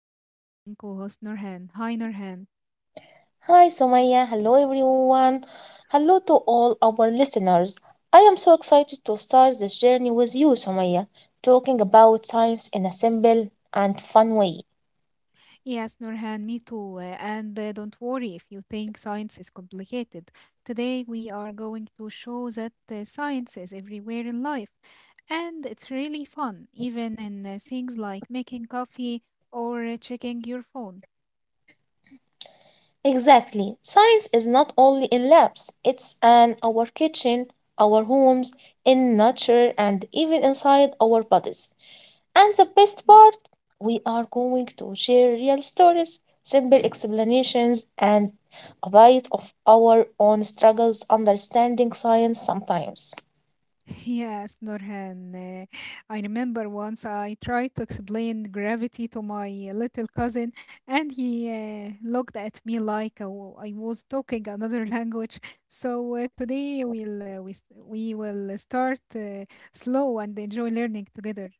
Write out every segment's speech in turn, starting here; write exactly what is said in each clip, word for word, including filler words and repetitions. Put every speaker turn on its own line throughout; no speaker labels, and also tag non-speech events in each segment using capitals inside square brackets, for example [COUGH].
my amazing co-host Nurhan. Hi Nurhan.
Hi, Somaya. Hello, everyone. Hello to all our listeners. I am so excited to start this journey with you, Somaya, talking about science in a simple and fun way.
Yes, Nurhan, me too. Uh, and uh, don't worry if you think science is complicated. Today we are going to show that uh, science is everywhere in life, and it's really fun, even in uh, things like making coffee or uh, checking your phone.
Exactly. Science is not only in labs, it's in our kitchen, our homes, in nature, and even inside our bodies. And the best part,
Yes.
we are going to share real stories, simple explanations, and a bit of our own struggles understanding science sometimes.
Yes, Nurhan. uh, I remember once I tried to explain gravity to my little cousin, and he uh, looked at me like I wa- I was talking another [LAUGHS] language. So uh, today we'll uh, we s- we will start uh, slow and enjoy learning together.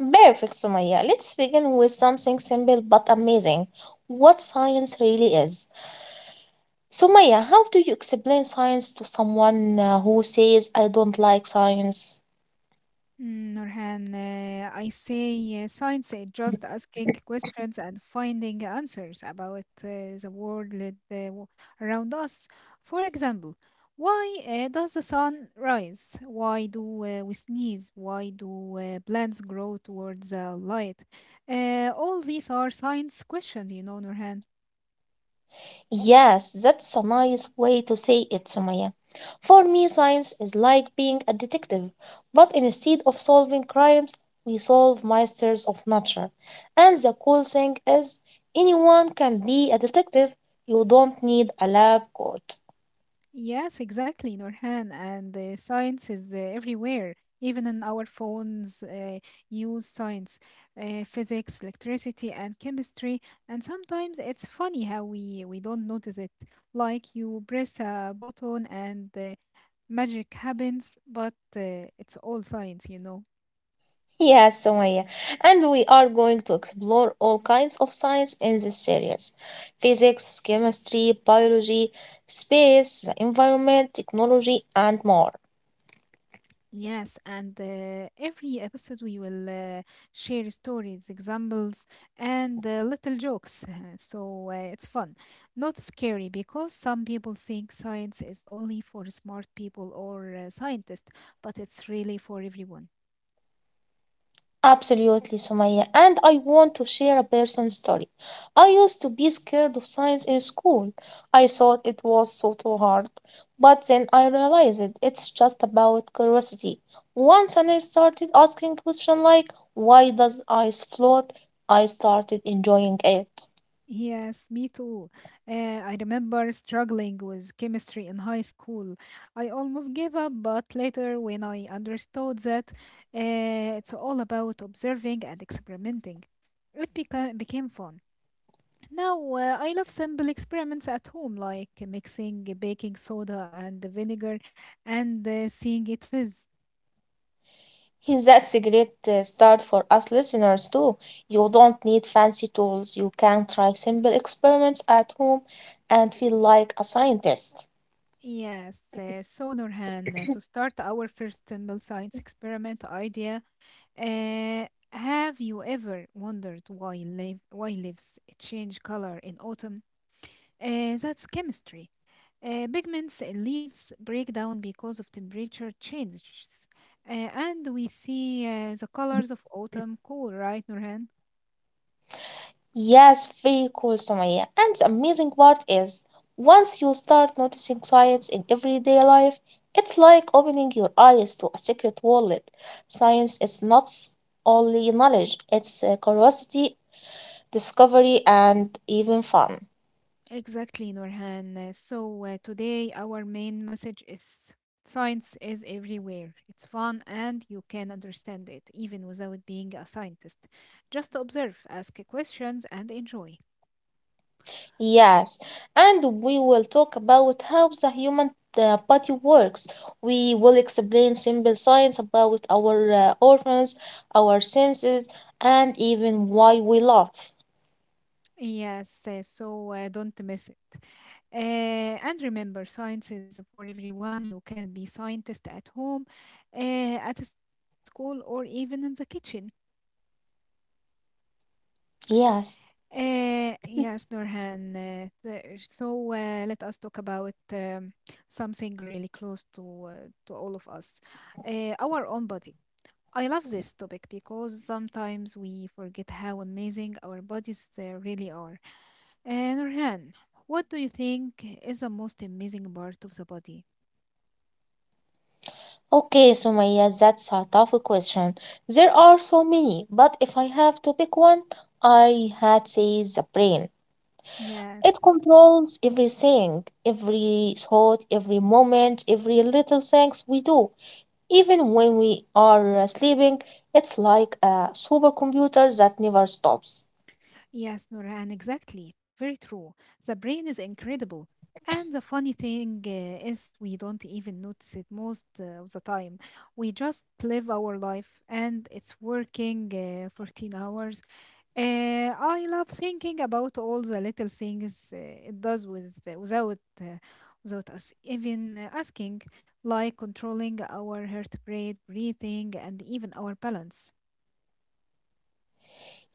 Perfect, Sumaya. Let's begin with something simple but amazing what science really is. Sumaya, how do you explain science to someone uh, who says, I don't like science?
Mm, Nurhan, uh, I say uh, science is just asking questions and finding answers about uh, the world uh, w- around us. For example, why uh, does the sun rise? Why do uh, we sneeze? Why do uh, plants grow towards the light? Uh, all these are science questions, you know, Nurhan.
Yes, that's a nice way to say it, Sumaya. For me, science is like being a detective, but instead of solving crimes, we solve masters of nature. And the cool thing is, anyone can be a detective. You don't need a lab coat.
Yes, exactly, Norhan. And uh, science is uh, everywhere, even in our phones. Uh, use science, uh, physics, electricity, and chemistry. And sometimes it's funny how we we don't notice it. Like you press a button and uh, magic happens, but uh, it's all science, you know.
Yes, Sumaya. And we are going to explore all kinds of science in this series physics, chemistry, biology, space, the environment, technology, and more.
Yes, and uh, every episode we will uh, share stories, examples, and uh, little jokes. [LAUGHS] So uh, it's fun, not scary, because some people think science is only for smart people or uh, scientists, but it's really for everyone.
Absolutely, Sumaya. And I want to share a personal story. I used to be scared of science in school. I thought it was so too hard. But then I realized it. it's just about curiosity. Once and I started asking questions like, why does ice float? I started enjoying it.
Yes, me too. Uh, I remember struggling with chemistry in high school. I almost gave up, but later, when I understood that uh, it's all about observing and experimenting, it became became fun. Now, uh, I love simple experiments at home, like mixing baking soda and vinegar and uh, seeing it fizz.
[LAUGHS] Hey, that's a great uh, start for us listeners too. You don't need fancy tools. You can try simple experiments at home and feel like a scientist.
Yes, uh, so Norhan, uh, to start our first simple science experiment idea. Uh, have you ever wondered why, leaf, why leaves change color in autumn? Uh, that's chemistry. Uh, pigments in leaves break down because of temperature changes. Uh, and we see uh, the colors of autumn cool, right, Nurhan?
Yes, very cool, Sumaya. And the amazing part is, once you start noticing science in everyday life, it's like opening your eyes to a secret world. Science is not s- only knowledge, it's uh, curiosity, discovery, and even fun.
Exactly, Nurhan. Uh, So uh, today our main message is science is everywhere. It's fun and you can understand it even without being a scientist. Just observe, ask questions, and enjoy.
Yes, and we will talk about how the human uh, body works. We will explain simple science about our uh, organs, our senses, and even why we laugh.
Yes, uh, so uh, don't miss it. Uh, and remember, science is for everyone. You can be scientist at home, uh, at school, or even in the kitchen.
Yes.
Uh, yes, Nurhan. Uh, the- so uh, let us talk about um, something really close to uh, to all of us, uh, our own body. I love this topic because sometimes we forget how amazing our bodies uh, really are. And Nurhan, what do you think is the most amazing part of the body?
Okay, Sumaya, that's a tough question. There are so many, but if I have to pick one, I had say the brain. It
Yes.
controls everything, every thought, every moment, every little things we do. Even when we are sleeping, it's like a supercomputer that never stops.
Yes, Noran, exactly. Very true. The brain is incredible. And the funny thing uh, is, we don't even notice it most uh, of the time. We just live our life and it's working uh, fourteen hours. Uh, I love thinking about all the little things uh, it does with, without, uh, without us even uh, asking, like controlling our heart rate, breathing, and even our balance.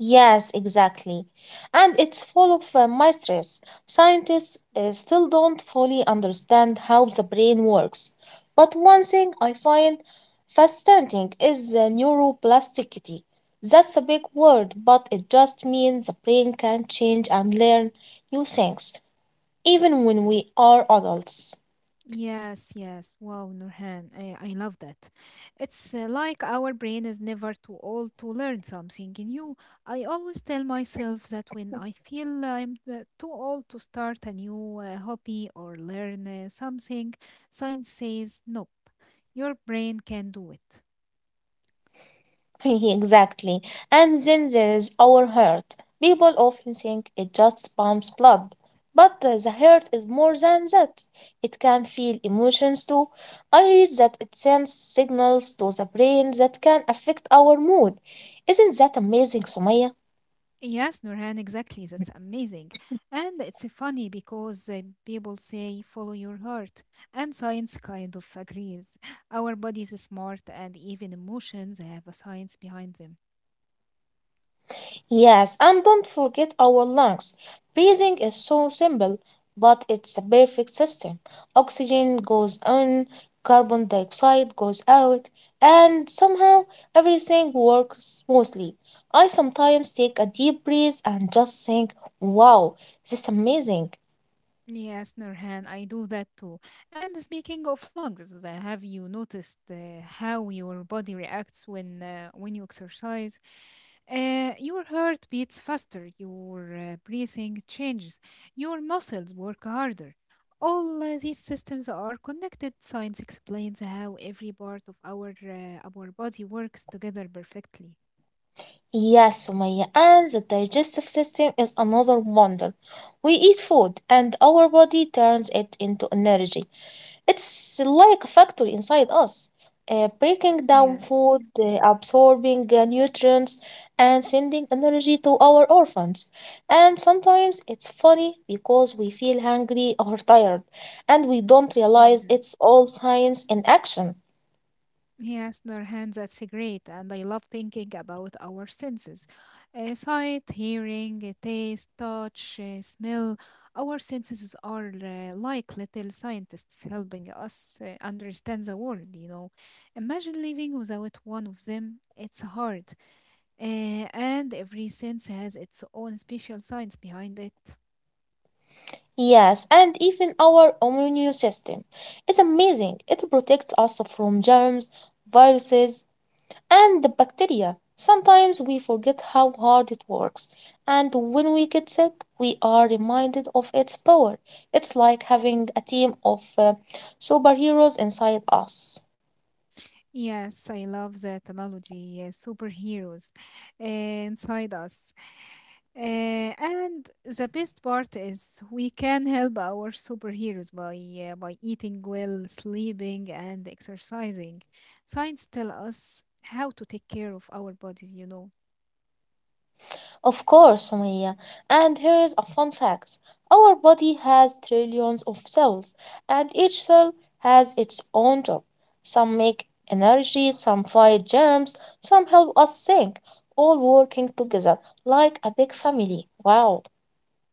Yes, exactly. And it's full of uh, mysteries. Scientists uh, still don't fully understand how the brain works. But one thing I find fascinating is the neuroplasticity. That's a big word, but it just means the brain can change and learn new things, even when we are adults.
Yes, yes. Wow, Nurhan, I, I love that. It's uh, like our brain is never too old to learn something new. I always tell myself that when I feel I'm uh, too old to start a new uh, hobby or learn uh, something, science says, nope, your brain can do it.
[LAUGHS] Exactly. And then there is our heart. People often think it just pumps blood, but uh, the heart is more than that. It can feel emotions too. I read that it sends signals to the brain that can affect our mood. Isn't that amazing, Sumaya?
Yes, Nurhan, exactly. That's amazing. And it's funny because uh, people say follow your heart, and science kind of agrees. Our bodies are smart, and even emotions have a science behind them.
Yes, and don't forget our lungs. Breathing is so simple, but it's a perfect system. Oxygen goes in, carbon dioxide goes out, and somehow everything works smoothly. I sometimes take a deep breath and just think, wow, this is amazing.
Yes, Nurhan, I do that too. And speaking of lungs, uh, have you noticed uh, how your body reacts when uh, when you exercise? Uh, your heart beats faster, your uh, breathing changes, your muscles work harder. All uh, these systems are connected. Science explains how every part of our uh, our body works together perfectly.
Yes, Sumaya, and the digestive system is another wonder. We eat food and our body turns it into energy. It's like a factory inside us, uh, breaking down
Yes.
food, uh, absorbing uh, nutrients, and sending energy to our orphans. And sometimes it's funny because we feel hungry or tired, and we don't realize it's all science in action.
Yes, Nurhan, that's great. And I love thinking about our senses. Uh, sight, hearing, uh, taste, touch, uh, smell. Our senses are uh, like little scientists helping us uh, understand the world, you know. Imagine living without one of them, it's hard. Uh, and every sense has its own special science behind it.
Yes, and even our immune system is amazing. It protects us from germs, viruses, and the bacteria. Sometimes we forget how hard it works, and when we get sick, we are reminded of its power. It's like having a team of uh, superheroes inside us.
Yes, I love that analogy. uh, superheroes uh, inside us. Uh, and the best part is we can help our superheroes by uh, by eating well, sleeping, and exercising. Science tell us how to take care of our bodies, you know.
Of course, Sumaya. And here is a fun fact. Our body has trillions of cells, and each cell has its own job. Some make energy, some fight germs, some help us think, all working together like a big family. Wow.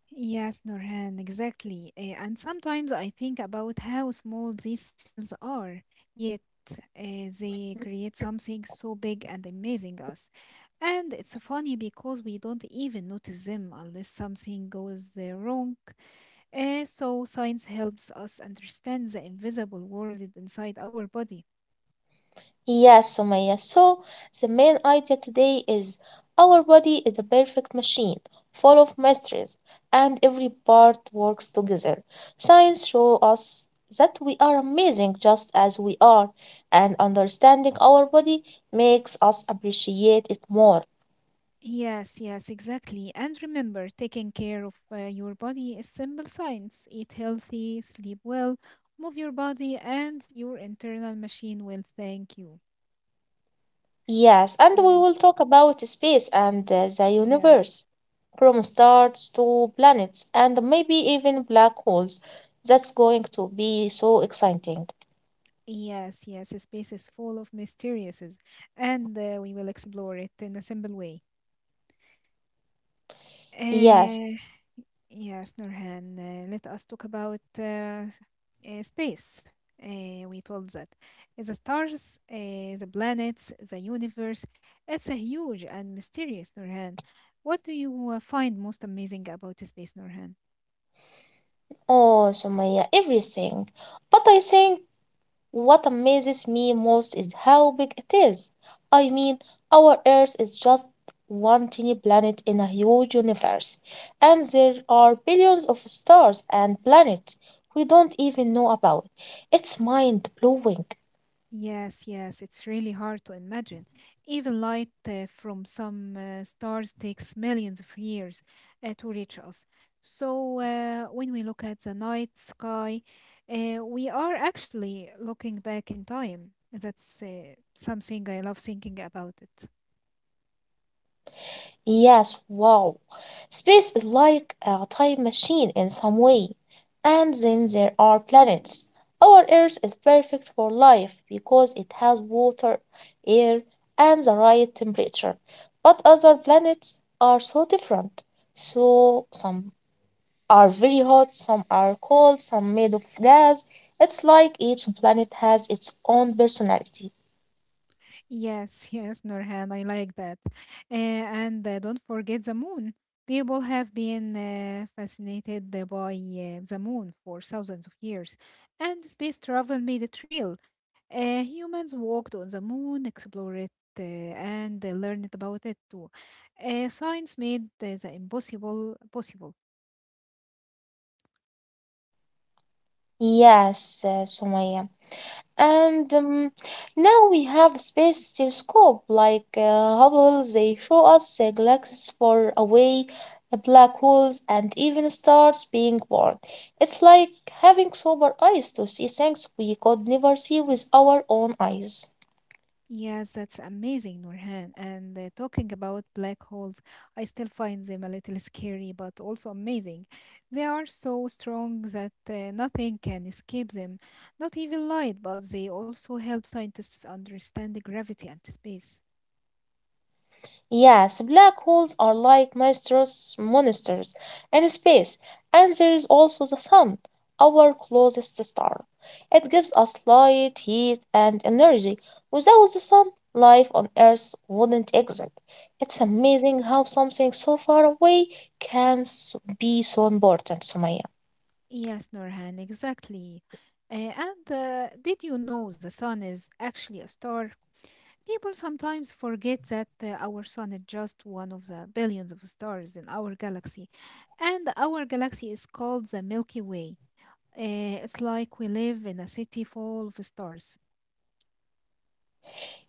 Yes, Norhan, exactly. Uh, and sometimes I think about how small these cells are, yet uh, they create something so big and amazing us. And it's funny because we don't even notice them unless something goes uh, wrong. Uh, so, science helps us understand the invisible world inside our body.
Yes, Sumaya. So the main idea today is our body is a perfect machine, full of mysteries, and every part works together. Science shows us that we are amazing just as we are, and understanding our body makes us appreciate it more.
Yes, yes, exactly. And remember, taking care of uh, your body is simple science. Eat healthy, sleep well, move your body, and your internal machine will thank you.
Yes, and we
So,
will talk about space and uh, the universe,
yes.
from stars to planets, and maybe even black holes. That's going to be so exciting.
Yes, yes, the space is full of mysteries, and uh, we will explore it in a simple way.
Yes,
Uh, Yes, Nurhan, uh, let us talk about uh, s- uh, space. Uh, we told that the stars, uh, the planets, the universe, it's a huge and mysterious, Nurhan. What do you uh, find most amazing about space, Nurhan?
oh, Sumaya, everything. But I think what amazes me most is how big it is. I mean, our Earth is just one tiny planet in a huge universe, and there are billions of stars and planets we don't even know about. It's mind blowing.
Yes, yes, it's really hard to imagine. Even light uh, from some uh, stars takes millions of years uh, to reach us. So, uh, when we look at the night sky, uh, we are actually looking back in time. That's uh, something I love thinking about it.
Yes, wow. Space is like a time machine in some way. And then there are planets. Our Earth is perfect for life because it has water, air, and the right temperature. But other planets are so different. So some are very hot, some are cold, some made of gas. It's like each planet has its own personality.
Yes, [LAUGHS] yes, Nurhan, I like that. Uh, and uh, don't forget the moon. People have been uh, fascinated uh, by uh, the moon for thousands of years, and space travel made it real. Uh, humans walked on the moon, explored it, uh, and uh, learned about it too. Uh, science made uh, the impossible possible.
Yes, uh, Sumaya. And um, now we have space telescope like uh, Hubble. They show us uh, galaxies far away, uh, black holes, and even stars being born. It's like having sober eyes to see things we could never see with our own eyes.
Yes, that's amazing, Nurhan. And uh, talking about black holes, I still find them a little scary, but also amazing. They are so strong that uh, nothing can escape them, not even light, but they also help scientists understand the gravity and space.
Yes, black holes are like monstrous monsters in space, and there is also the sun, our closest star. It gives us light, heat, and energy. Without the sun, life on Earth wouldn't exist. It's amazing how something so far away can s- be so important, Sumaya.
Yes, Norhan, exactly. Uh, and uh, did you know the sun is actually a star? People sometimes forget that uh, our sun is just one of the billions of stars in our galaxy. And our galaxy is called the Milky Way. Uh, it's like we live in a city full of stars.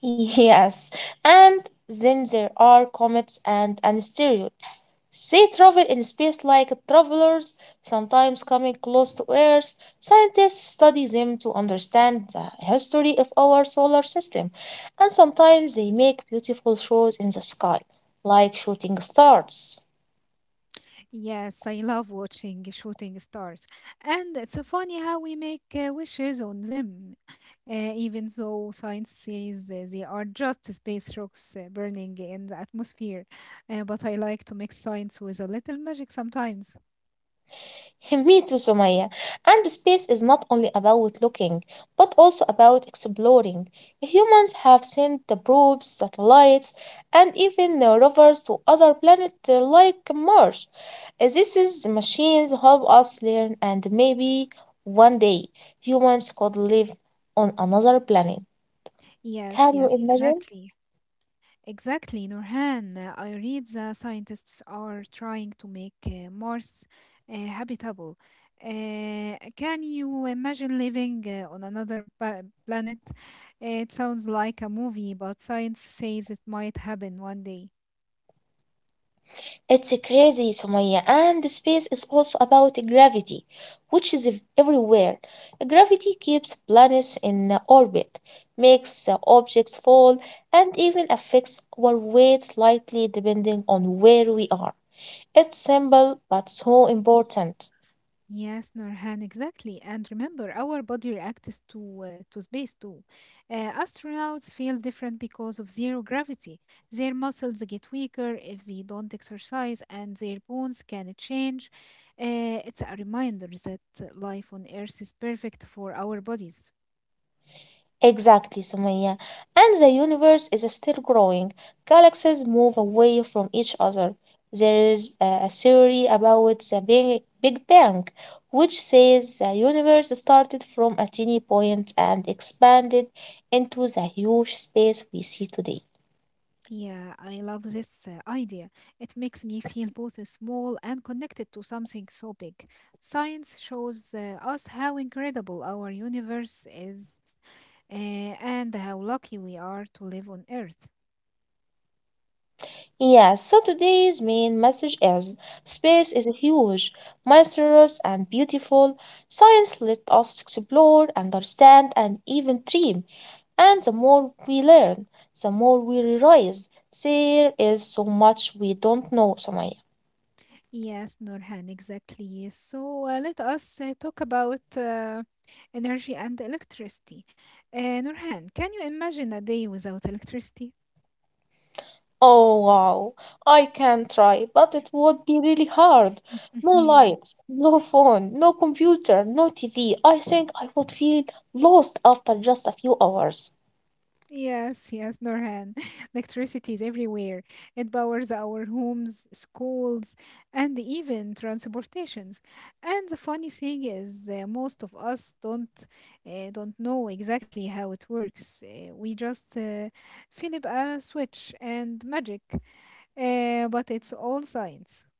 Yes, and then there are comets and asteroids. They travel in space like travelers, sometimes coming close to Earth. Scientists study them to understand the history of our solar system, and sometimes they make beautiful shows in the sky, like shooting stars.
Yes, I love watching shooting stars. And it's uh, funny how we make uh, wishes on them, uh, even though science says uh, they are just space rocks uh, burning in the atmosphere. Uh, but I like to mix science with a little magic sometimes.
[LAUGHS] Me too, Sumaya. And space is not only about looking, but also about exploring. Humans have sent the probes, satellites, and even uh, rovers to other planets uh, like Mars. Uh, This is machines help us learn, and maybe one day humans could live on another planet.
Yes,
Can you
yes,
imagine?
exactly. Exactly, Nurhan. Uh, I read the scientists are trying to make uh, Mars uh, habitable. Uh, can you imagine living uh, on another pa- planet? It sounds like a movie, but science says it might happen one day.
It's crazy, Sumaya, and space is also about gravity, which is ev- everywhere. Gravity keeps planets in orbit, makes uh, objects fall, and even affects our weight slightly depending on where we are. It's simple but so important.
Yes, Norhan, exactly. And remember, our body reacts to uh, to space too. Uh, astronauts feel different because of zero gravity. Their muscles get weaker if they don't exercise, and their bones can change. Uh, it's a reminder that life on Earth is perfect for our bodies.
Exactly, Sumaya. And the universe is still growing. Galaxies move away from each other. There is a a theory about the Big, Big Bang, which says the universe started from a tiny point and expanded into the huge space we see today.
Yeah, I love this uh, idea. It makes me feel both uh, small and connected to something so big. Science shows uh, us how incredible our universe is uh, and how lucky we are to live on Earth.
Yeah, so today's main message is space is huge, mysterious, and beautiful. Science let us explore, understand, and even dream. And the more we learn, the more we realize there is so much we don't know, Samaya.
Yes, Nurhan, exactly. So uh, let us uh, talk about uh, energy and electricity. Uh, Nurhan, can you imagine a day without electricity?
Oh wow, I can try, but it would be really hard.
[LAUGHS]
No
Yeah.
lights, no phone, no computer, no T V. I think I would feel lost after just a few hours.
Yes, yes, Norhan. [LAUGHS] Electricity is everywhere. It powers our homes, schools, and even transportations. And the funny thing is, uh, most of us don't uh, don't know exactly how it works. Uh, we just uh, flip a switch and magic. Uh, but it's all science.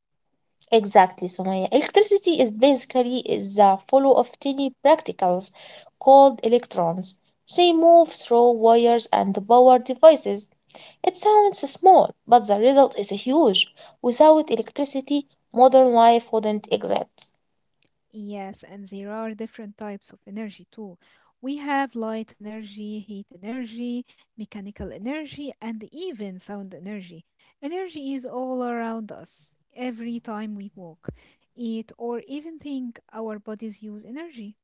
Exactly, Sumaya. Electricity is basically is the flow of tiny particles called electrons. They move through wires and power devices. It sounds small, but the result is huge. Without electricity, modern life wouldn't exist.
Yes, and there are different types of energy too. We have light energy, heat energy, mechanical energy, and even sound energy. Energy is all around us every time we walk, eat, or even think. Our bodies use energy.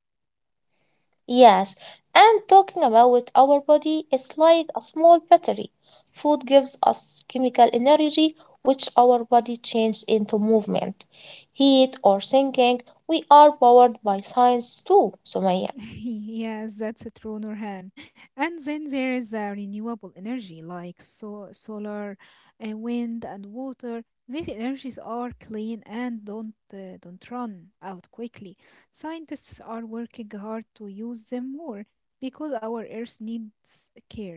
Yes, and talking about our body, it's like a small battery. Food gives us chemical energy, which our body changes into movement, heat, or thinking. We are powered by science too, Sumaya.
[LAUGHS] Yes, that's a true, Nurhan. And then there is uh, renewable energy like so solar, uh, wind, and water. These energies are clean and don't uh, don't run out quickly. Scientists are working hard to use them more because our Earth needs care.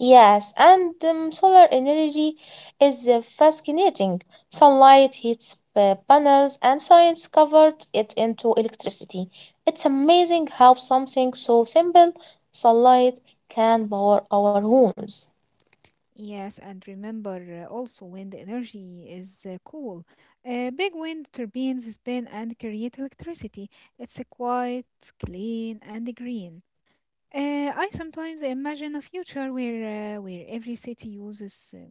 Yes, and um, Solar energy is uh, fascinating. Sunlight heats uh, panels, and science covered it into electricity. It's amazing how something so simple, sunlight, can power our homes.
Yes, and remember uh, also wind energy is uh, cool. Uh, big wind turbines spin and create electricity. It's uh, quite clean and green. Uh, I sometimes imagine a future where uh, where every city uses uh,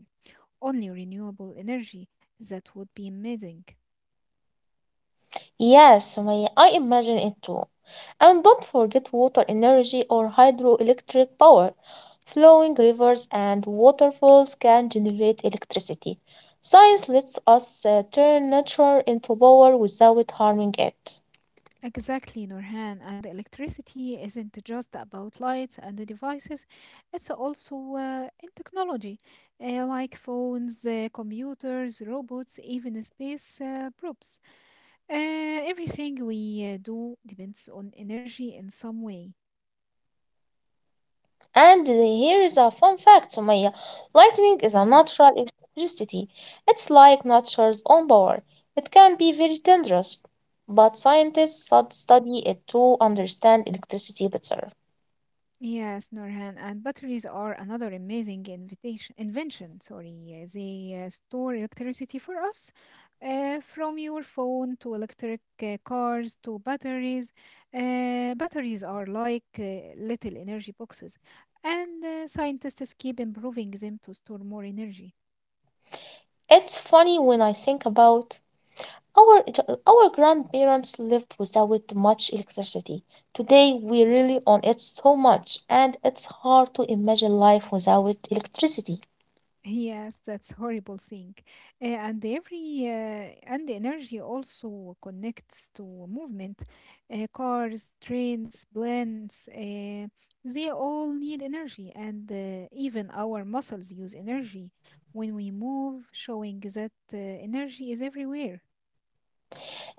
only renewable energy. That would be amazing.
Yes, Sumaya, I imagine it too. And don't forget water energy or hydroelectric power. Flowing rivers and waterfalls can generate electricity. Science lets us uh, turn nature into power without harming it.
Exactly, Norhan. And electricity isn't just about lights and the devices; it's also uh, in technology, uh, like phones, uh, computers, robots, even space uh, probes. Uh, everything we uh, do depends on energy in some way.
And uh, here is a fun fact, Sumaya. Lightning is a
Yes.
natural electricity. It's like nature's own power. It can be very dangerous, but scientists stud- study it to understand electricity better.
Yes, Norhan, and batteries are another amazing invitation, invention. Sorry, uh, they uh, store electricity for us, uh, from your phone to electric uh, cars to batteries. Uh, batteries are like uh, little energy boxes, and uh, scientists keep improving them to store more energy.
It's funny when I think about our our grandparents lived without much electricity. Today we rely on it so much, and it's hard to imagine life without electricity.
Yes, that's horrible thing. Uh, and every uh, and energy also connects to movement. Uh, cars, trains, planes, uh, they all need energy, and uh, even our muscles use energy when we move, showing that uh, energy is everywhere.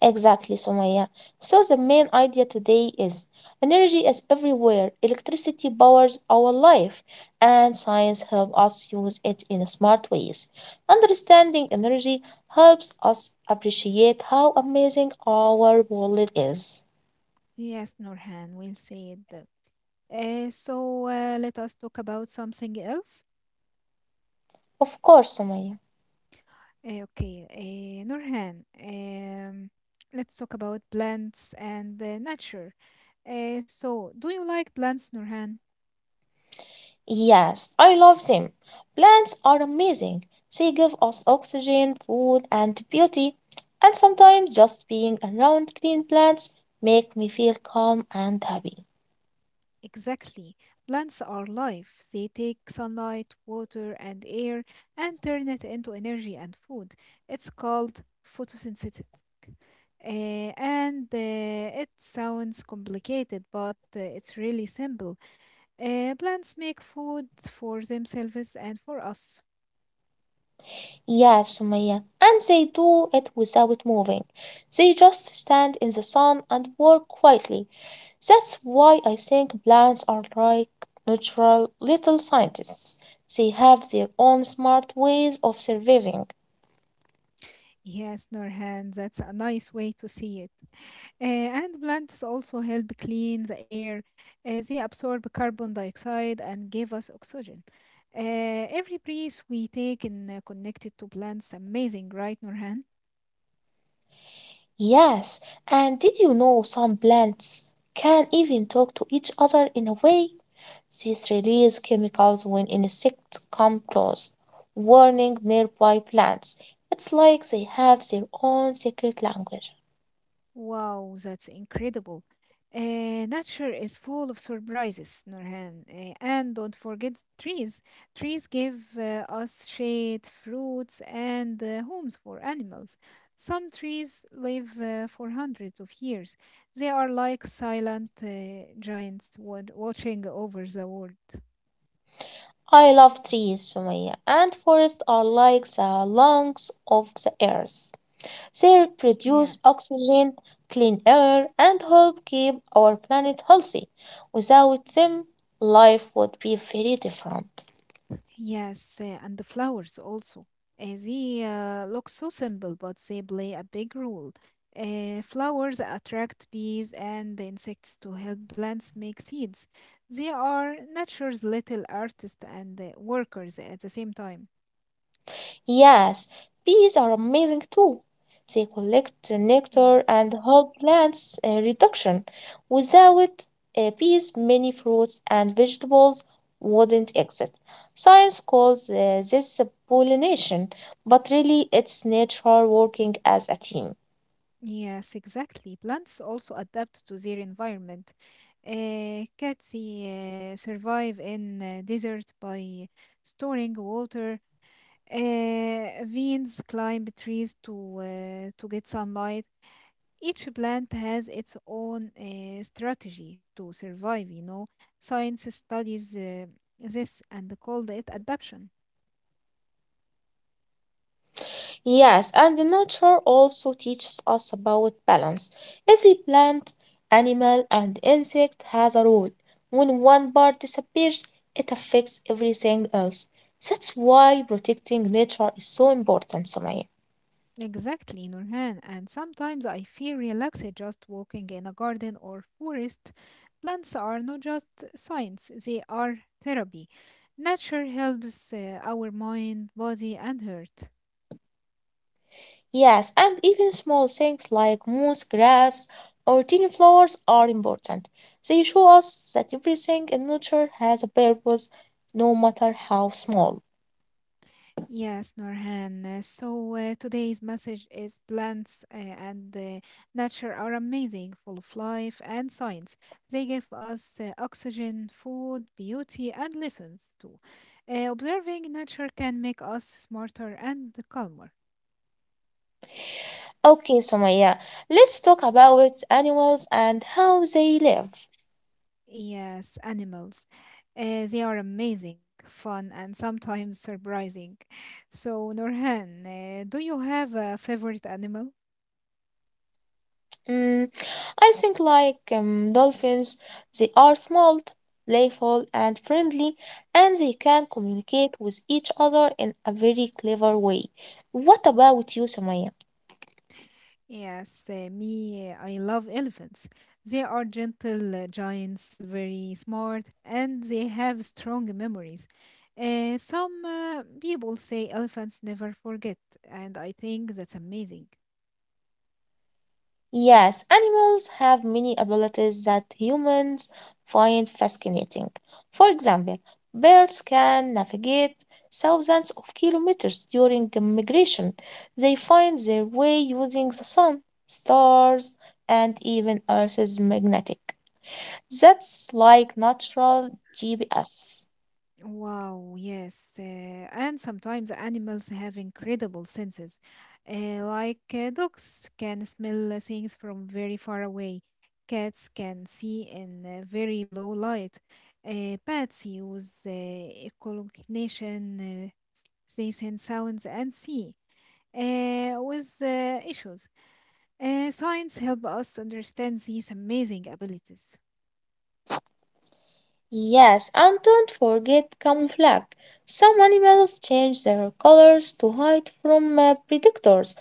Exactly, Somaya. So the main idea today is energy is everywhere. Electricity powers our life, and science helps us use it in smart ways. Understanding energy helps us appreciate how amazing our world is.
Yes, Norhan, we'll say it. Uh, so uh, let us talk about something else.
Of course, Sumaya.
Uh, okay, uh, Nurhan, um, let's talk about plants and uh, nature. Uh, so, do you like plants, Nurhan?
Yes, I love them. Plants are amazing. They give us oxygen, food, and beauty. And sometimes just being around green plants make me feel calm and happy.
Exactly. Plants are life. They take sunlight, water, and air and turn it into energy and food. It's called photosynthesis. Uh, and uh, It sounds complicated, but uh, it's really simple. Uh, plants make food for themselves and for us.
Yes, Sumaya. And they do it without moving. They just stand in the sun and work quietly. That's why I think plants are like natural little scientists. They have their own smart ways of surviving.
Yes, Norhan, that's a nice way to see it. Uh, and plants also help clean the air. Uh, they absorb carbon dioxide and give us oxygen. Uh, every breath we take is uh, connected to plants. Amazing, right, Norhan?
Yes, and did you know some plants can even talk to each other in a way? These release chemicals when insects come close, warning nearby plants. It's like they have their own secret language.
Wow, that's incredible. Uh, nature is full of surprises, Nurhan. Uh, and don't forget trees. Trees give uh, us shade, fruits, and uh, homes for animals. Some trees live uh, for hundreds of years. They are like silent uh, giants wa- watching over the world.
I love trees, Sumaya, and forests are like the lungs of the earth. They produce
Yes.
oxygen, clean air, and help keep our planet healthy. Without them, life would be very different.
Yes, uh, and the flowers also. Uh, they uh, look so simple, but they play a big role. Uh, flowers attract bees and insects to help plants make seeds. They are nature's little artists and uh, workers at the same time.
Yes, bees are amazing too. They collect the nectar
Yes.
and help plants uh, reduction. Without uh, bees, many fruits and vegetables wouldn't exist. Science calls uh, this pollination, but really it's nature working as a team.
Yes, exactly. Plants also adapt to their environment. Uh, cats uh, survive in uh, desert by storing water. Uh, vines climb trees to uh, to get sunlight. Each plant has its own uh, strategy to survive, you know. Science studies uh, this and called it adaptation.
Yes, and the nature also teaches us about balance. Every plant, animal, and insect has a role. When one part disappears, it affects everything else. That's why protecting nature is so important, Sumaya.
Exactly, Nurhan. And sometimes I feel relaxed just walking in a garden or forest. Plants are not just science, they are therapy. Nature helps uh, our mind, body, and heart.
Yes, and even small things like moss, grass, or tiny flowers are important. They show us that everything in nature has a purpose, no matter how small.
Yes, Norhan. Uh, So uh, today's message is plants uh, and uh, nature are amazing, full of life and science. They give us uh, oxygen, food, beauty, and lessons too. Uh, observing nature can make us smarter and calmer.
Okay, Sumaya, let's talk about animals and how they live.
Yes, animals. Uh, they are amazing, fun, and sometimes surprising. So, Norhan, uh, do you have a favorite animal?
Mm, I think like um, dolphins, they are small, playful, and friendly, and they can communicate with each other in a very clever way. What about you, Sumaya?
Yes, uh, me, uh, I love elephants. They are gentle uh, giants, very smart, and they have strong memories. Uh, some uh, people say elephants never forget, and I think that's amazing.
Yes, animals have many abilities that humans find fascinating. For example, birds can navigate thousands of kilometers during migration. They find their way using the sun, stars, and even Earth's magnetic. That's like natural G P S.
Wow, yes. Uh, and sometimes animals have incredible senses. Uh, like uh, dogs can smell uh, things from very far away. Cats can see in uh, very low light. Uh, bats use uh, echolocation. Uh, they send sounds and see uh, with uh, issues. Uh, science help us understand these amazing abilities.
Yes, and don't forget camouflage. Some animals change their colors to hide from uh, predators.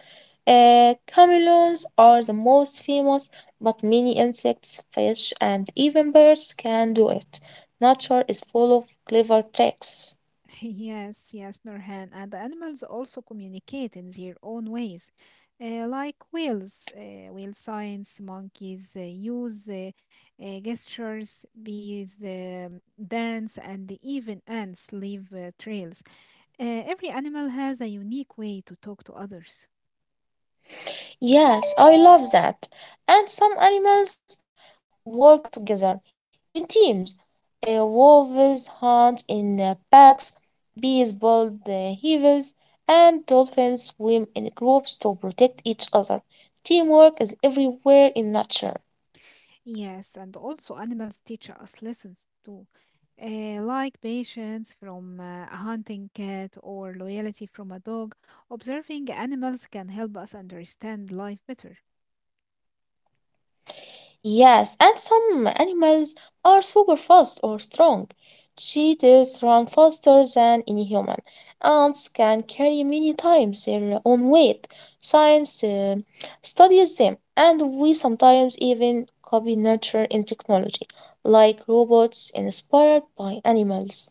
Uh, chameleons are the most famous, but many insects, fish, and even birds can do it. Nature is full of clever tricks.
[LAUGHS] Yes, yes, Nurhan. And the animals also communicate in their own ways, uh, like whales, uh, whale signs, monkeys uh, use uh, uh, gestures, bees um, dance, and even ants leave uh, trails. Uh, every animal has a unique way to talk to others.
Yes, I love that. And some animals work together in teams. Uh, wolves hunt in uh, packs, bees build uh, hives, and dolphins swim in groups to protect each other. Teamwork is everywhere in nature.
Yes, and also animals teach us lessons too, uh, like patience from uh, a hunting cat or loyalty from a dog. Observing animals can help us understand life better.
Yes, and some animals are super fast or strong. Cheetahs run faster than any human. Ants can carry many times their own weight. Science uh, studies them, and we sometimes even copy nature in technology, like robots inspired by animals.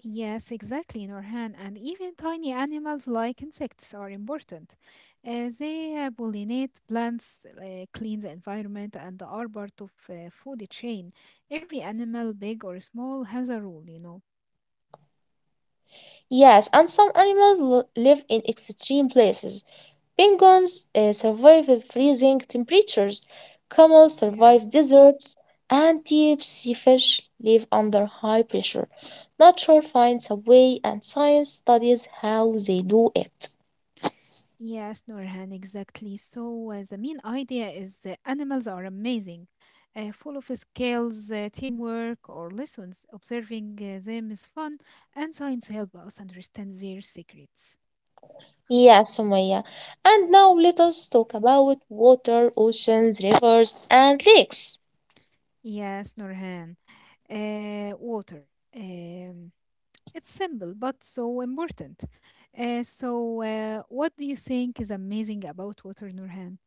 Yes, exactly, Norhan. And even tiny animals like insects are important. Uh, they uh, pollinate plants, uh, clean the environment, and are part of uh, food chain. Every animal, big or small, has a role, you know.
Yes, and some animals l- live in extreme places. Penguins uh, survive the freezing temperatures, camels survive
Yes.
deserts, and deep sea fish live under high pressure. Nature finds a way, and science studies how they do it.
Yes, Norhan, exactly. So, uh, the main idea is that animals are amazing, uh, full of skills, uh, teamwork, or lessons. Observing uh, them is fun, and science helps us understand their secrets.
Yes, Sumaya. And now let us talk about water, oceans, rivers, and lakes.
Yes, Norhan. Uh, water. Um, it's simple, but so important. Uh, so, uh, what do you think is amazing about water, Norhan?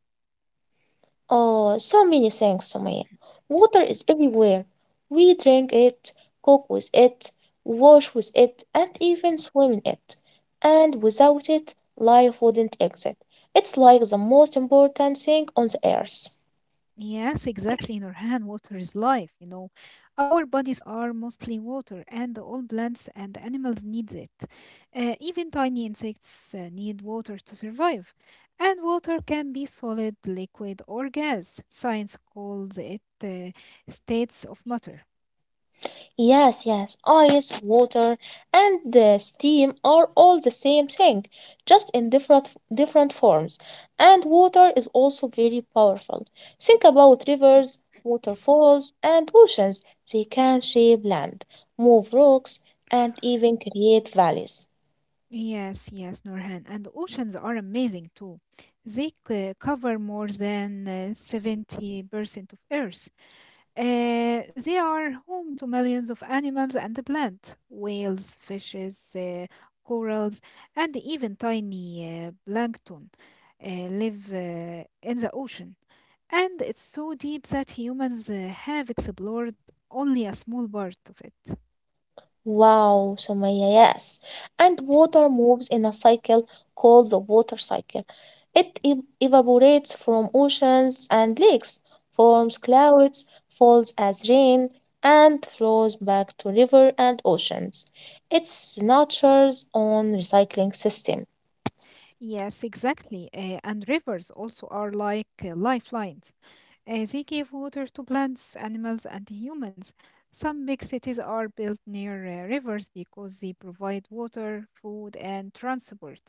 Oh, so many things, Sumaya. Water is everywhere. We drink it, cook with it, wash with it, and even swim in it. And without it, life wouldn't exist. It's like the most important thing on the earth.
Yes, exactly, in our hand, water is life, you know. Our bodies are mostly water, and all plants and animals need it. Uh, even tiny insects uh, need water to survive. And water can be solid, liquid, or gas. Science calls it uh, states of matter.
Yes, yes, ice, water, and the steam are all the same thing, just in different different forms. And water is also very powerful. Think about rivers, waterfalls, and oceans. They can shape land, move rocks, and even create valleys.
Yes, yes, Norhan. And oceans are amazing too. They c- cover more than uh, seventy percent of Earth. Uh, they are home to millions of animals and plants, whales, fishes, uh, corals, and even tiny uh, plankton uh, live uh, in the ocean. And it's so deep that humans uh, have explored only a small part of it.
Wow, Sumaya, yes. And water moves in a cycle called the water cycle. It ev- evaporates from oceans and lakes, forms clouds, falls as rain, and flows back to river and oceans. It's nature's own recycling system.
Yes, exactly. Uh, and rivers also are like uh, lifelines. Uh, they give water to plants, animals, and humans. Some big cities are built near uh, rivers because they provide water, food, and transport.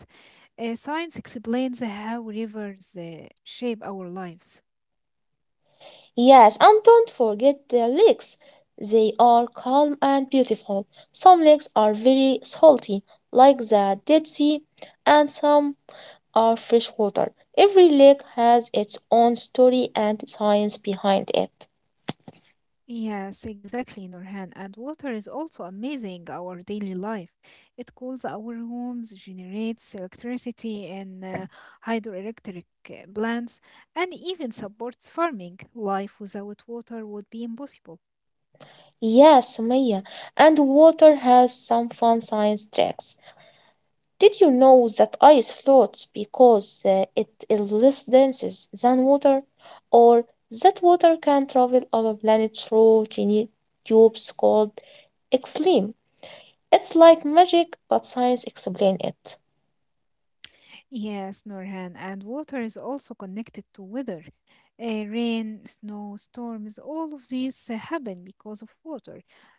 Uh, science explains how rivers uh, shape our lives.
Yes, and don't forget the lakes. They are calm and beautiful. Some lakes are very salty, like the Dead Sea, and some are freshwater. Every lake has its own story and science behind it.
Yes, exactly, Nurhan. And water is also amazing our daily life. It cools our homes, generates electricity and uh, hydroelectric uh, plants, and even supports farming. Life without water would be impossible.
Yes, Maya, and water has some fun science tricks. Did you know that ice floats because uh, it is less dense than water? Or that water can travel our planet through tiny tubes called xlim? It's like magic, but science explains it.
Yes, Norhan, and water is also connected to weather. Uh, rain, snow, storms, all of these uh, happen because of water.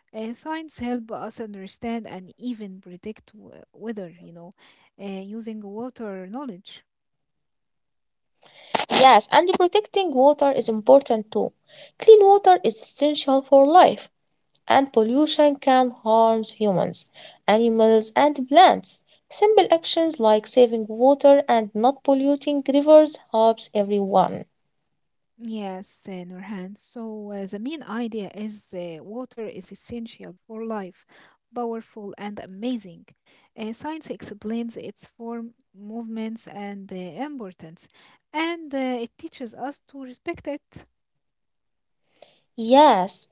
Uh, science help us understand and even predict w- weather, you know, uh, using water knowledge.
Yes, and protecting water is important too. Clean water is essential for life. And pollution can harm humans, animals, and plants. Simple actions like saving water and not polluting rivers helps everyone.
Yes, uh, Nurhan. So uh, the main idea is uh, water is essential for life, powerful and amazing. Uh, science explains its form, movements, and uh, importance, and uh, it teaches us to respect it.
Yes.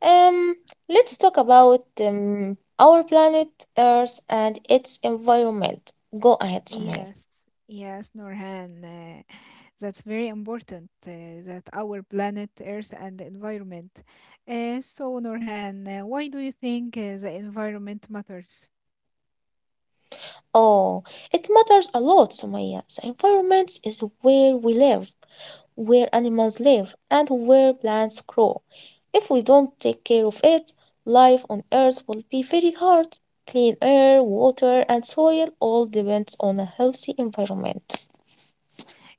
Um let's talk about um, our planet Earth and its environment. Go ahead, Sumaya.
Yes, yes, Norhan. Uh, that's very important uh, that our planet, Earth, and the environment. Uh, so, Norhan, uh, why do you think uh, the environment matters?
Oh, it matters a lot, Sumaya. The environment is where we live, where animals live, and where plants grow. If we don't take care of it, life on Earth will be very hard. Clean air, water, and soil all depends on a healthy environment.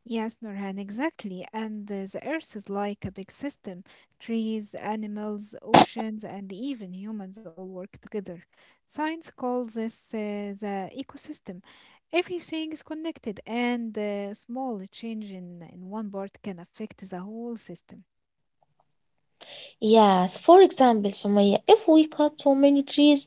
Yes, Nurhan, exactly. And uh, the Earth is like a big system. Trees, animals, oceans, and even humans all work together. Science calls this uh, the ecosystem. Everything is connected, and a small change in, in one part can affect the whole system.
Yes, for example, Sumaya, if we cut too many trees,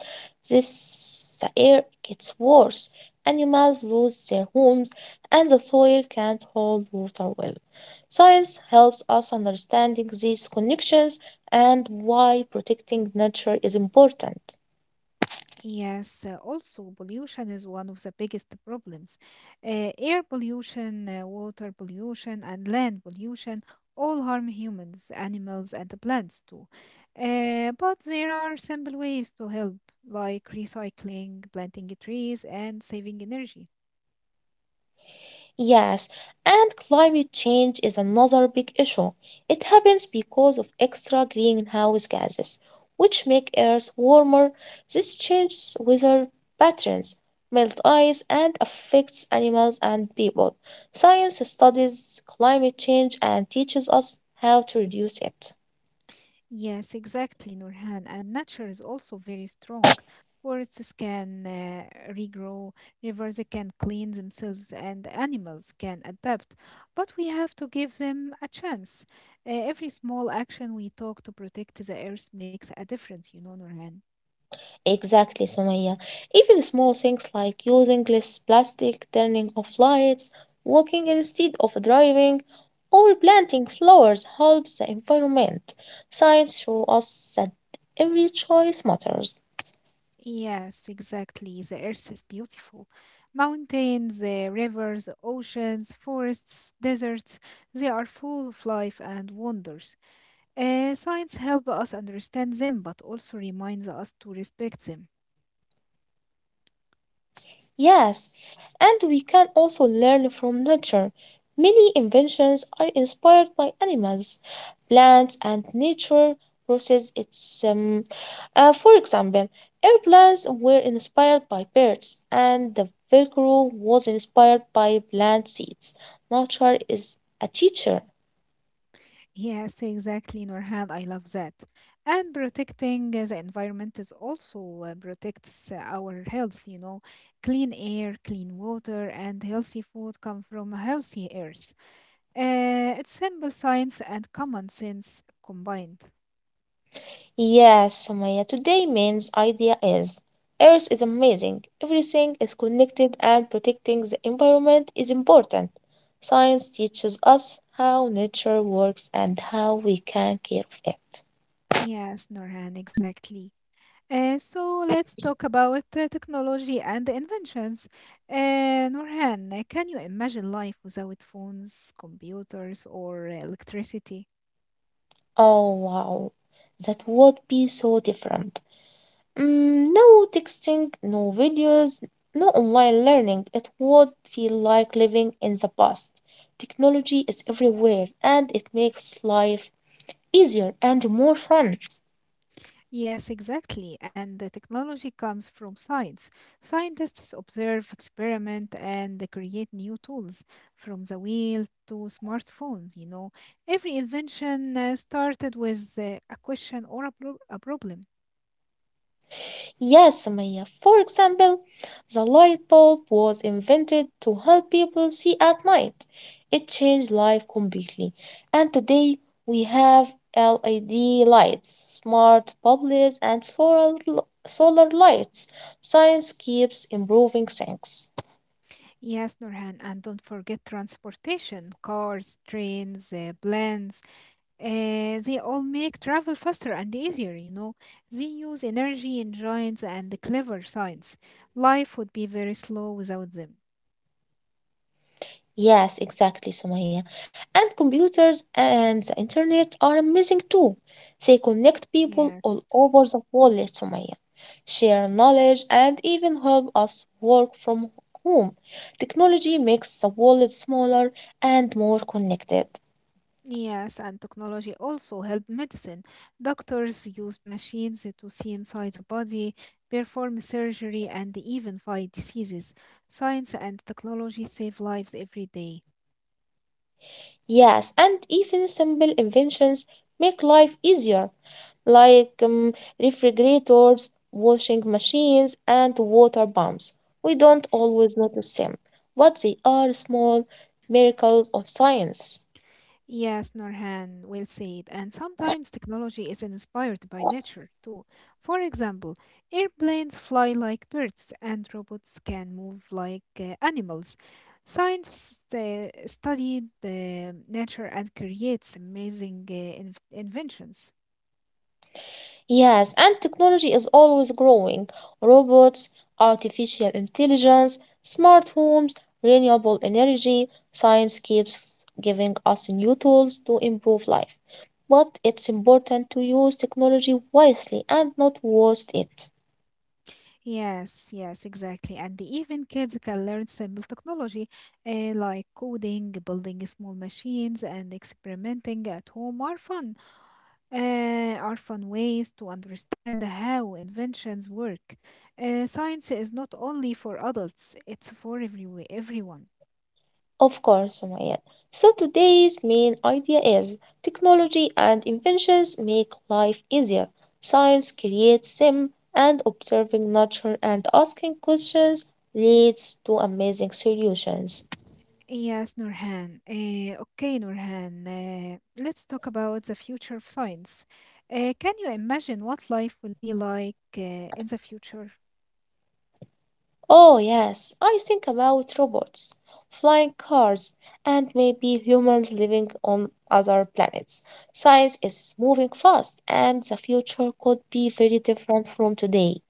this air gets worse. Animals lose their homes, and the soil can't hold water well. Science helps us understanding these connections and why protecting nature is important.
Yes, uh, also pollution is one of the biggest problems. Uh, air pollution, uh, water pollution, and land pollution all harm humans, animals, and the plants too. Uh, but there are simple ways to help, like recycling, planting trees, and saving energy.
Yes, and climate change is another big issue. It happens because of extra greenhouse gases, which make Earth warmer. This changes weather patterns, melt ice, and affects animals and people. Science studies climate change and teaches us how to reduce it.
Yes, exactly, Nurhan. And nature is also very strong. Forests can uh, regrow, rivers can clean themselves, and animals can adapt. But we have to give them a chance. Uh, every small action we take to protect the earth makes a difference, you know, Nurhan.
Exactly, Sumaya. Even small things like using less plastic, turning off lights, walking instead of driving, or planting flowers helps the environment. Science shows us that every choice matters.
Yes, exactly. The earth is beautiful. Mountains, uh, rivers, oceans, forests, deserts, they are full of life and wonders. Uh, science helps us understand them, but also reminds us to respect them.
Yes, and we can also learn from nature. Many inventions are inspired by animals, plants, and nature process its um, uh, for example, airplanes were inspired by birds and the velcro was inspired by plant seeds. Nature is a teacher.
Yes, exactly, Nurhan. I love that. And protecting uh, the environment is also uh, protects uh, our health. You know, clean air, clean water, and healthy food come from a healthy earth. Uh, it's simple science and common sense combined.
Yes, Sumaya, today man's idea is Earth is amazing, everything is connected, and protecting the environment is important. Science teaches us how nature works and how we can care of it.
Yes, Nurhan, exactly. Uh, so let's talk about uh, technology and the inventions. Uh, Nurhan, uh, can you imagine life without phones, computers, or uh, electricity?
Oh, wow, that would be so different. Mm, no texting, no videos, no online learning. It would feel like living in the past. Technology is everywhere and it makes life easier and more fun.
Yes, exactly. And the technology comes from science. Scientists observe, experiment, and they create new tools from the wheel to smartphones. You know, every invention uh, started with uh, a question or a, pro- a problem.
Yes, Maya. For example, the light bulb was invented to help people see at night. It changed life completely. And today we have L E D lights, smart bulbs, and solar, solar lights. Science keeps improving things.
Yes, Nurhan, and don't forget transportation, cars, trains, uh, planes. Uh, they all make travel faster and easier, you know. They use energy in giants and clever science. Life would be very slow without them.
Yes, exactly, Sumaya. And computers and the internet are amazing too. They connect people all
Yes.
over the world, Sumaya, share knowledge and even help us work from home. Technology makes the world smaller and more connected.
Yes, and technology also help medicine. Doctors use machines to see inside the body, perform surgery, and even fight diseases. Science and technology save lives every day.
Yes, and even simple inventions make life easier, like um, refrigerators, washing machines, and water pumps. We don't always notice them, but they are small miracles of science.
Yes, Norhan, well said. And sometimes technology is inspired by nature too. For example, airplanes fly like birds and robots can move like uh, animals. Science uh, studied uh, nature and creates amazing uh, inv- inventions.
Yes, and technology is always growing. Robots, artificial intelligence, smart homes, renewable energy, science keeps giving us new tools to improve life. But it's important to use technology wisely and not waste it.
Yes, yes, exactly. And even kids can learn simple technology uh, like coding, building small machines, and experimenting at home are fun. Uh, are fun ways to understand how inventions work. Uh, science is not only for adults, it's for every- everyone.
Of course, Sumayya. So today's main idea is technology and inventions make life easier. Science creates them, and observing nature and asking questions leads to amazing solutions.
Yes, Nurhan. Uh, okay, Nurhan. Uh, let's talk about the future of science. Uh, can you imagine what life will be like uh, in the future?
Oh, yes, I think about robots, flying cars, and maybe humans living on other planets. Science is moving fast, and the future could be very different from today.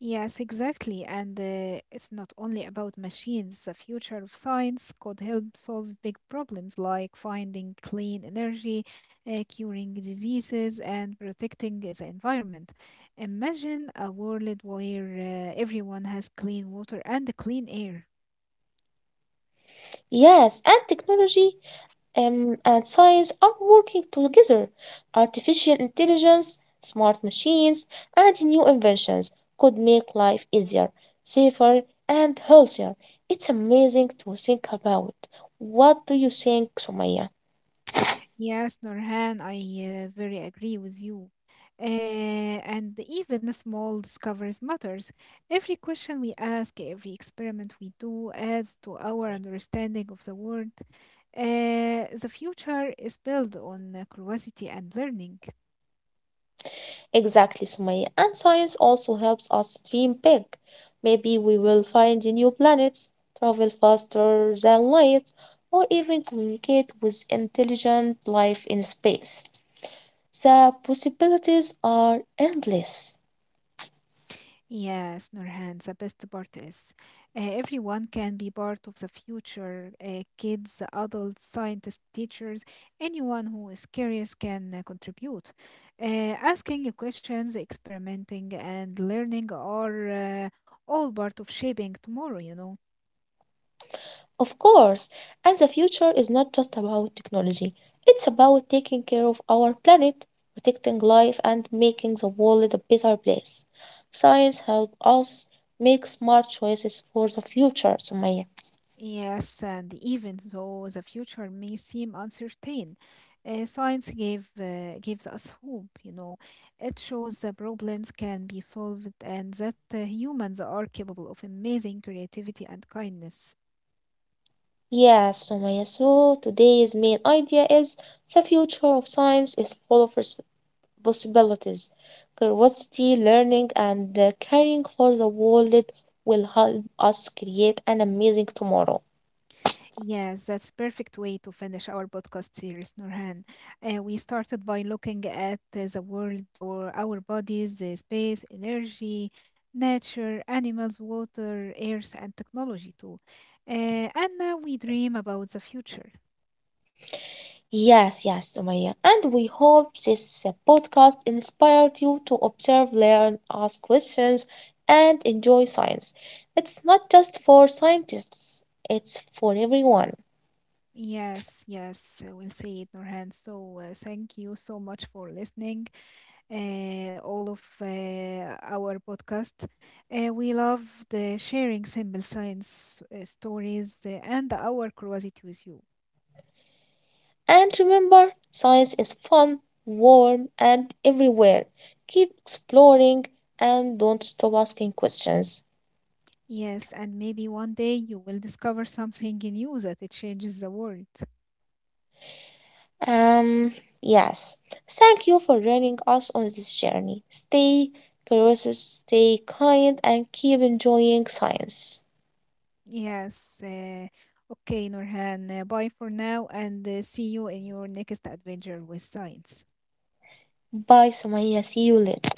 Yes, exactly. And uh, it's not only about machines. The future of science could help solve big problems like finding clean energy, uh, curing diseases, and protecting the environment. Imagine a world where uh, everyone has clean water and clean air.
Yes, and technology um, and science are working together. Artificial intelligence, smart machines, and new inventions could make life easier, safer, and healthier. It's amazing to think about. What do you think, Sumaya?
Yes, Norhan, I uh, very agree with you. Uh, and even small discoveries matters. Every question we ask, every experiment we do adds to our understanding of the world. Uh, the future is built on uh, curiosity and learning.
Exactly, Sumaya. And science also helps us dream big. Maybe we will find new planets, travel faster than light, or even communicate with intelligent life in space. The possibilities are endless.
Yes, Nurhan, the best part is uh, everyone can be part of the future. Uh, kids, adults, scientists, teachers, anyone who is curious can uh, contribute. Uh, Asking questions, experimenting, and learning are uh, all part of shaping tomorrow, you know.
Of course, and the future is not just about technology, it's about taking care of our planet, protecting life, and making the world a better place. Science helps us make smart choices for the future, Sumaya.
Yes, and even though the future may seem uncertain, uh, science gave, uh, gives us hope, you know. It shows the problems can be solved and that uh, humans are capable of amazing creativity and kindness.
Yes, Sumaya. So today's main idea is the future of science is full of responsibility possibilities. Curiosity, learning, and uh, caring for the world will help us create an amazing tomorrow.
Yes, that's perfect way to finish our podcast series, Nurhan. Uh, we started by looking at uh, the world or our bodies, uh, space, energy, nature, animals, water, earth, and technology too. Uh, and now we dream about the future.
Yes, yes, Sumaya. And we hope this uh, podcast inspired you to observe, learn, ask questions, and enjoy science. It's not just for scientists, it's for everyone.
Yes, yes, uh, we'll say it, Nurhan. So uh, thank you so much for listening. uh, all of uh, our podcast. Uh, we love the sharing simple science uh, stories uh, and our curiosity with you.
And remember, science is fun, warm, and everywhere. Keep exploring and don't stop asking questions.
Yes, and maybe one day you will discover something new that it changes the world.
Um, yes. Thank you for joining us on this journey. Stay curious, stay kind, and keep enjoying science.
Yes. Uh, okay, Norhan. Uh, bye for now, and uh, see you in your next adventure with science.
Bye, Sumaya. See you later.